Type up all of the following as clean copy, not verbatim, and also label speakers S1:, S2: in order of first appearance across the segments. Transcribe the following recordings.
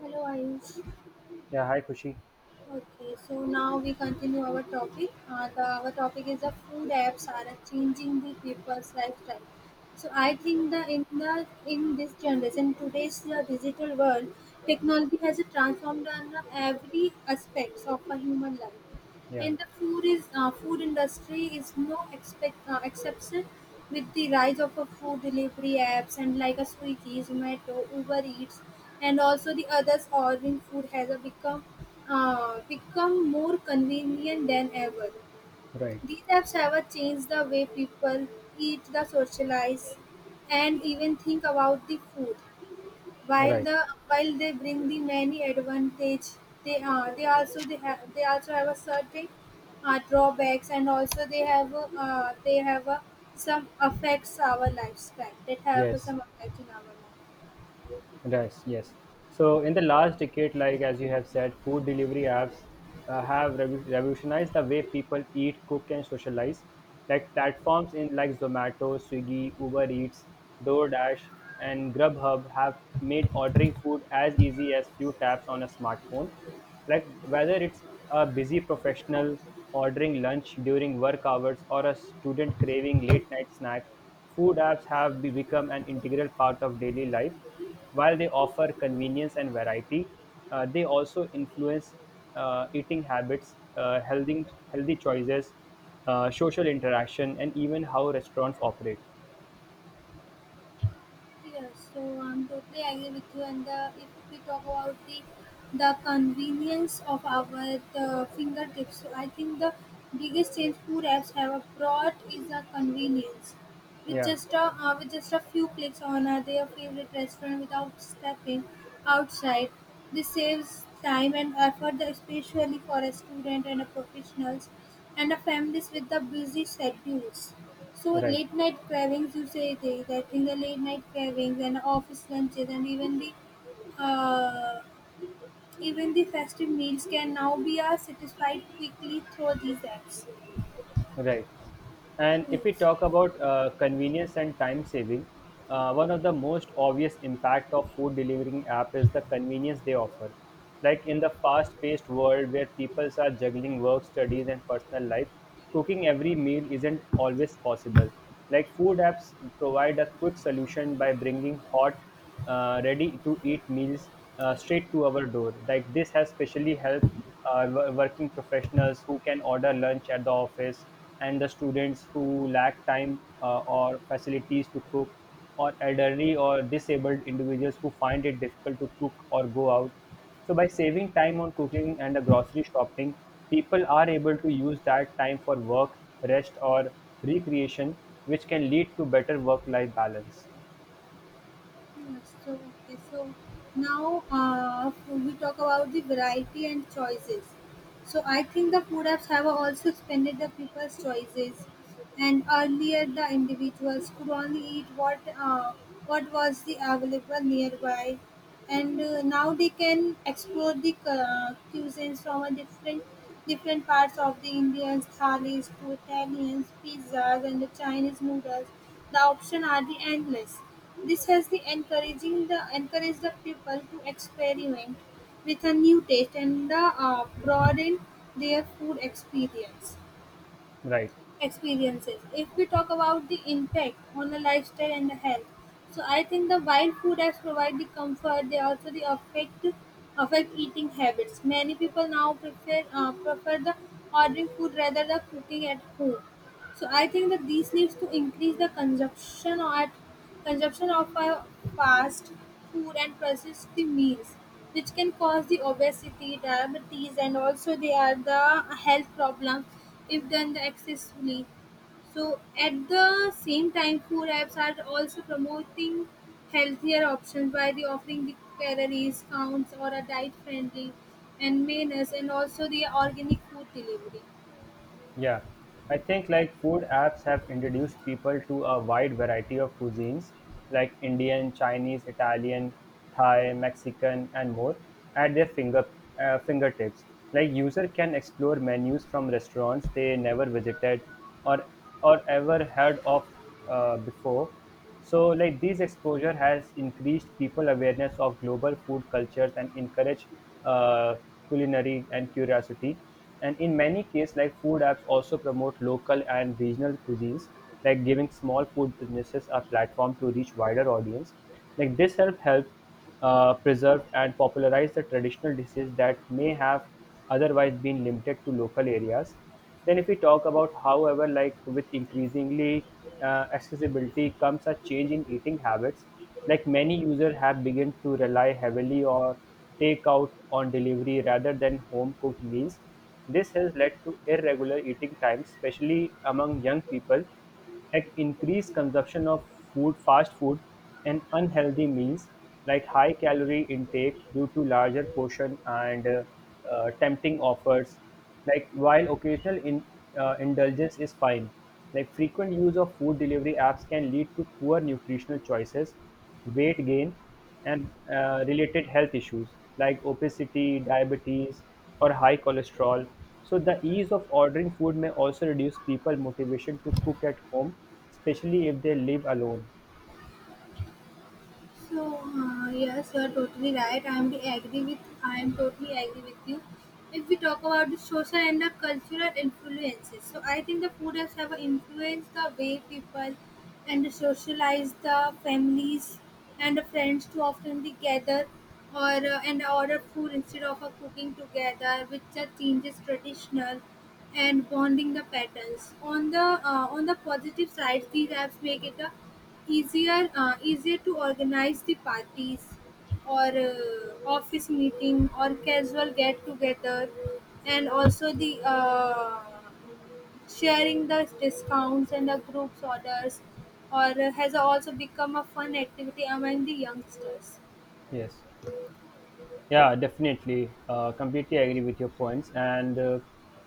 S1: Hello, Ayush.
S2: Yeah, hi Kushi.
S1: Okay, so now we continue our topic. Our topic is the food apps are changing the people's lifestyle. So I think that in this generation, today's digital world, technology has transformed on every aspects of a human life.
S2: Yeah,
S1: And the food is food industry is no expect, exception with the rise of a food delivery apps and like a Swiggy, Zomato, Uber Eats, and also the others ordering food has a become become more convenient than ever.
S2: right,
S1: These apps have a changed the way people eat, the socialize, and even think about the food. While
S2: right.
S1: the while they bring the many advantage, they also they have they also have a certain drawbacks and also they have a, some affects our lifestyle that have
S2: Yes,
S1: some effect in our life.
S2: right, yes. So in the last decade, like as you have said, food delivery apps have rev- revolutionized the way people eat, cook, and socialize. Like platforms in like Zomato, Swiggy, Uber Eats, DoorDash, and Grubhub have made ordering food as easy as few taps on a smartphone. Like whether it's a busy professional ordering lunch during work hours or a student craving late night snack, food apps have become an integral part of daily life while they offer convenience and variety, they also influence eating habits, healthy choices, social interaction, and even how restaurants operate.
S1: Yes, so I'm totally agree with you. And the, if we talk about the convenience of our the fingertips, so I think the biggest change food apps have brought is the convenience.
S2: Yeah,
S1: With just a few clicks on their favorite restaurant without stepping outside, this saves time and effort, especially for a student and a professionals and a families with the busy schedules. So
S2: right.
S1: late night cravings, you say they that in the late night cravings and office lunches and uh, even the festive meals can now be satisfied quickly through these apps.
S2: Right. And if we
S1: Yes.
S2: talk about convenience and time saving, one of the most obvious impact of food delivering app is the convenience they offer. Like in the fast-paced world where people are juggling work, studies, and personal life, cooking every meal isn't always possible. Like food apps provide a quick solution by bringing hot, ready-to-eat meals straight to our door. Like this has specially helped working professionals who can order lunch at the office and the students who lack time or facilities to cook, or elderly or disabled individuals who find it difficult to cook or go out. So by saving time on cooking and the grocery shopping, people are able to use that time for work, rest or recreation, which can lead to better work life balance.
S1: So, okay, so now we talk about the variety and choices. So I think the food apps have also expanded the people's choices, and earlier the individuals could only eat what was the available nearby and now they can explore the cuisines from a different different parts of the Indians, thalis to Italians, pizzas and the Chinese noodles. The options are the endless. This has the encouraging the encourage the people to experiment with a new taste and the broaden their food experience
S2: Right.
S1: experiences. If we talk about the impact on the lifestyle and the health, so I think the while food has provide the comfort, they also the affect affect eating habits. Many people now prefer prefer the ordering food rather than cooking at home. So I think that these needs to increase the consumption or at consumption of a fast food and processed the meals, which can cause the obesity, diabetes, and also they are the health problems if done excessively. So at the same time, food apps are also promoting healthier options by the offering the calories counts or a diet friendly and menus, and also the organic food delivery.
S2: Yeah, I think like food apps have introduced people to a wide variety of cuisines like Indian, Chinese, Italian, Thai, Mexican, and more at their fingertips. Like user can explore menus from restaurants they never visited or or ever heard of before, so, like this exposure has increased people awareness of global food cultures and encouraged uh, culinary and curiosity. And in many cases, like food apps also promote local and regional cuisines, like giving small food businesses a platform to reach wider audience. Like this help preserve and popularize the traditional dishes that may have otherwise been limited to local areas. Then if we talk about however like with increasingly accessibility comes a change in eating habits like many users have begun to rely heavily or take out on delivery rather than home cooked meals. This has led to irregular eating times, especially among young people, at increased consumption of food, fast food and unhealthy meals like high calorie intake due to larger portion and tempting offers like while indulgence is fine like frequent use of food delivery apps can lead to poor nutritional choices weight gain and related health issues like obesity, diabetes, or high cholesterol. So, the ease of ordering food may also reduce people's motivation to cook at home, especially if they live alone.
S1: So yes, you are totally right. I am the agree with. I am totally agree with you. If we talk about the social and the cultural influences, so I think the food has have influenced the way people and socialize the families and the friends to often they gather or and order food instead of cooking together, which changes traditional and bonding the patterns. On the positive side, these apps make it easier easier to organize the parties or office meeting or casual get together, and also the sharing the discounts and the groups orders, or has also become a fun activity among the youngsters.
S2: Yes. Yeah, definitely. Completely agree with your points. And uh,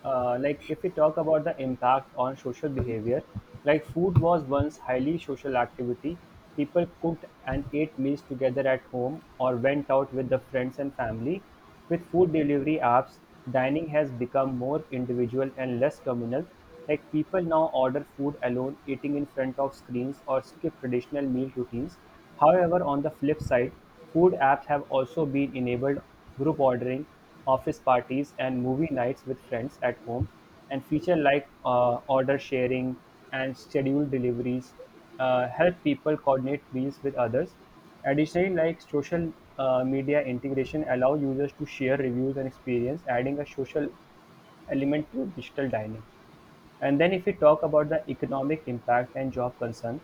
S2: uh, like, If we talk about the impact on social behavior, like food was once highly social activity. People cooked and ate meals together at home or went out with the friends and family. With food delivery apps, dining has become more individual and less communal. Like people now order food alone, eating in front of screens, or skip traditional meal routines. However, on the flip side, food apps have also been enabled group ordering, office parties, and movie nights with friends at home, and feature like order sharing and scheduled deliveries help people coordinate meals with others. Additionally, like social media integration allow users to share reviews and experience, adding a social element to digital dining. And then if we talk about the economic impact and job concern,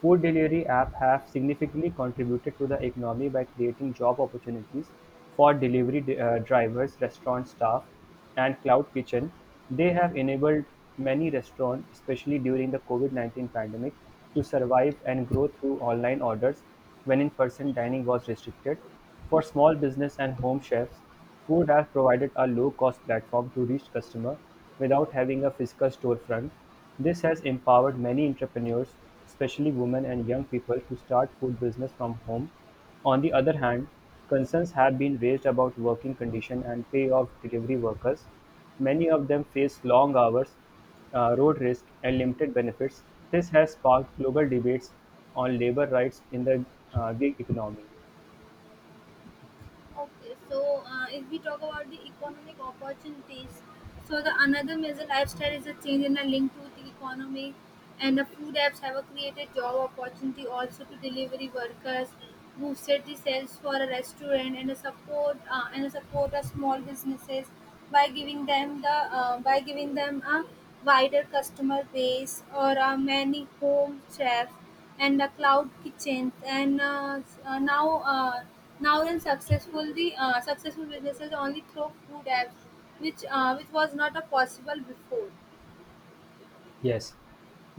S2: food delivery app have significantly contributed to the economy by creating job opportunities for delivery drivers, restaurant staff, and cloud kitchen. They have enabled many restaurants, especially during the COVID-19 pandemic, to survive and grow through online orders when in-person dining was restricted. For small business and home chefs, food has provided a low-cost platform to reach customers without having a physical storefront. This has empowered many entrepreneurs, especially women and young people, to start food business from home. On the other hand, concerns have been raised about working condition and pay of delivery workers. Many of them face long hours, road risk, and limited benefits. This has sparked global debates on labor rights in the gig economy.
S1: Okay, so if we talk about the economic opportunities, so the another major lifestyle is a change in a link to the economy, and the food apps have a created job opportunity also to delivery workers who set the sales for a restaurant and a support a small businesses by giving them the by giving them a wider customer base or many home chefs and the cloud kitchens and now now in successful the successful businesses only through food apps which was not a possible before.
S2: Yes,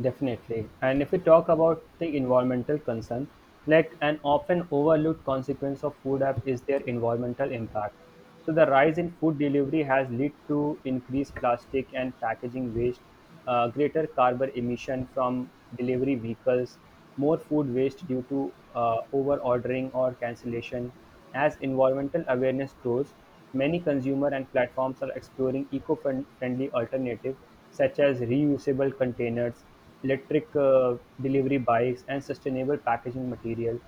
S2: definitely. And if we talk about the environmental concern, like an often overlooked consequence of food app is their environmental impact. So the rise in food delivery has led to increased plastic and packaging waste, greater carbon emission from delivery vehicles, more food waste due to over-ordering or cancellation. As environmental awareness grows, many consumer and platforms are exploring eco-friendly alternatives such as reusable containers, electric delivery bikes, and sustainable packaging material.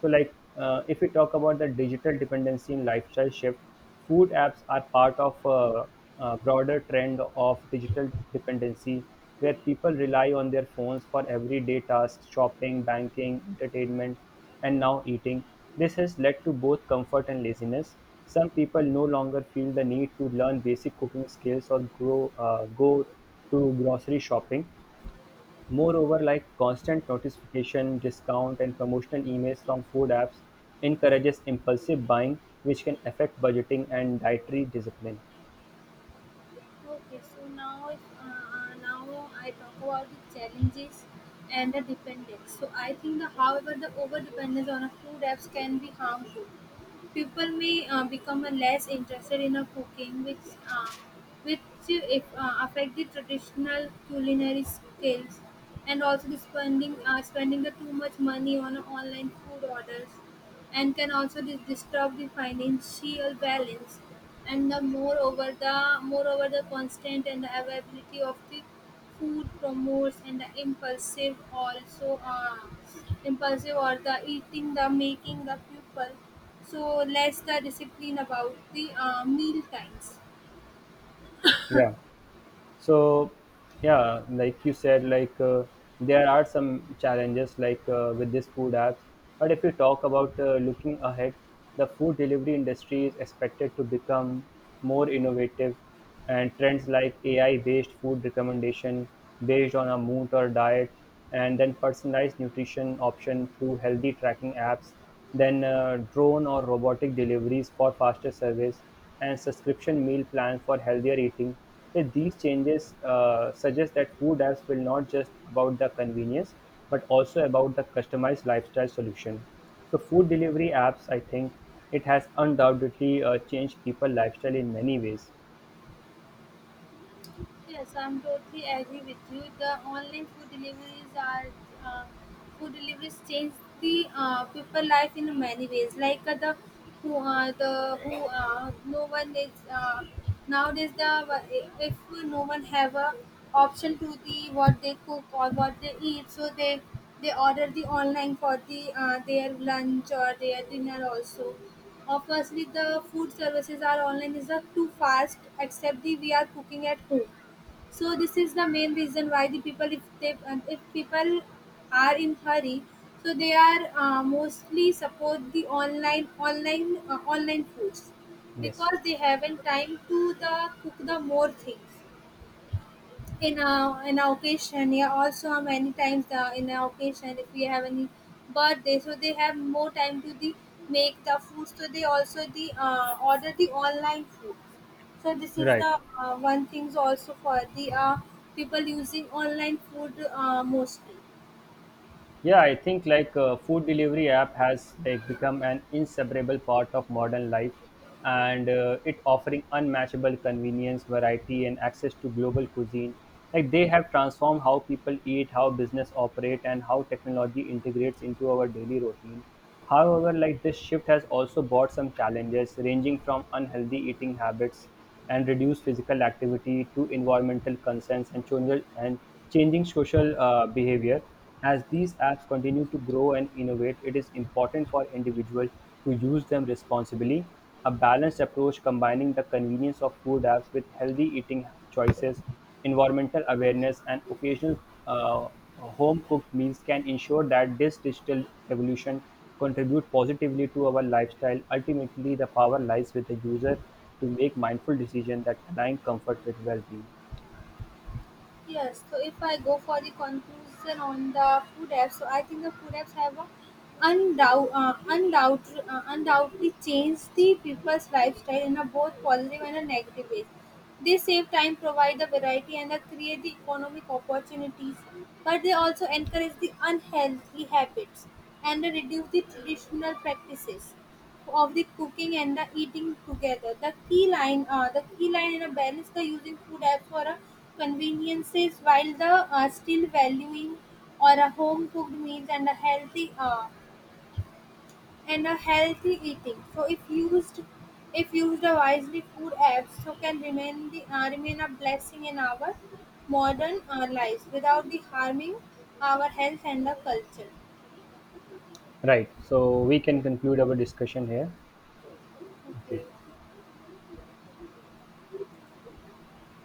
S2: So, like if we talk about the digital dependency in lifestyle shift, food apps are part of a broader trend of digital dependency where people rely on their phones for everyday tasks, shopping, banking, entertainment, and now eating. This has led to both comfort and laziness. Some people no longer feel the need to learn basic cooking skills or go to grocery shopping. Moreover, like constant notification, discount and promotional emails from food apps encourages impulsive buying which can affect budgeting and dietary discipline.
S1: Okay, so now if, now I talk about the challenges and the dependence. So I think the however the over dependence on a food apps can be harmful. People may become less interested in a cooking, which if, affect the traditional culinary skills, and also the spending spending the too much money on online food orders, and can also disturb the financial balance, and the moreover the moreover the constant and the availability of the food promotes and the impulsive also impulsive or the eating the making the people so less the discipline about the meal times.
S2: Yeah. So yeah like you said like there are some challenges like with these food apps but if you talk about looking ahead, the food delivery industry is expected to become more innovative, and trends like ai based food recommendation based on a mood or diet, and then personalized nutrition option through healthy tracking apps, then drone or robotic deliveries for faster service, and subscription meal plans for healthier eating. So these changes suggest that food apps will not just about the convenience, but also about the customized lifestyle solution. So food delivery apps, I think it has undoubtedly changed people lifestyle in many ways.
S1: Yes, I'm totally agree with you. The online food deliveries are uh, food deliveries change the people life in many ways. Like the who no one is nowadays the if no one have a option to the what they cook or what they eat, so they order the online for the their lunch or their dinner also. Obviously, the food services are online is not too fast, except the we are cooking at home, so this is the main reason why the people if they if people are in hurry, so they are mostly support the online foods
S2: Yes,
S1: because they haven't time to the cook the more things in a occasion. Yeah, also many times the in a occasion if we have any birthday, so they have more time to the make the food, so they also the order the online food. So this is
S2: right.
S1: the one things also for the people using online food mostly.
S2: Yeah, I think like food delivery app has like become an inseparable part of modern life, and it offering unmatchable convenience, variety, and access to global cuisine. Like they have transformed how people eat, how business operate, and how technology integrates into our daily routine. However, like this shift has also brought some challenges, ranging from unhealthy eating habits and reduced physical activity to environmental concerns and changing social behavior. As these apps continue to grow and innovate, it is important for individuals to use them responsibly. A balanced approach combining the convenience of food apps with healthy eating choices, environmental awareness, and occasional uh, home cooked meals can ensure that this digital evolution contribute positively to our lifestyle. Ultimately, the power lies with the user to make mindful decisions that align comfort with well being.
S1: Yes, so if I go for the conclusion on the food apps, so I think the food apps have undoubt, uh, undoubt, undoubtedly changed the people's lifestyle in a both positive and a negative ways. They save time, provide the variety, and they create the economic opportunities, but they also encourage the unhealthy habits and they reduce the traditional practices of the cooking and the eating together. The key line in a balance, the using food app for a conveniences while the still valuing or a home cooked meals and a healthy eating. So if used wisely, food apps so can remain the remain a blessing in our modern lives without the harming our health and the culture.
S2: Right, so we can conclude our discussion here. Okay.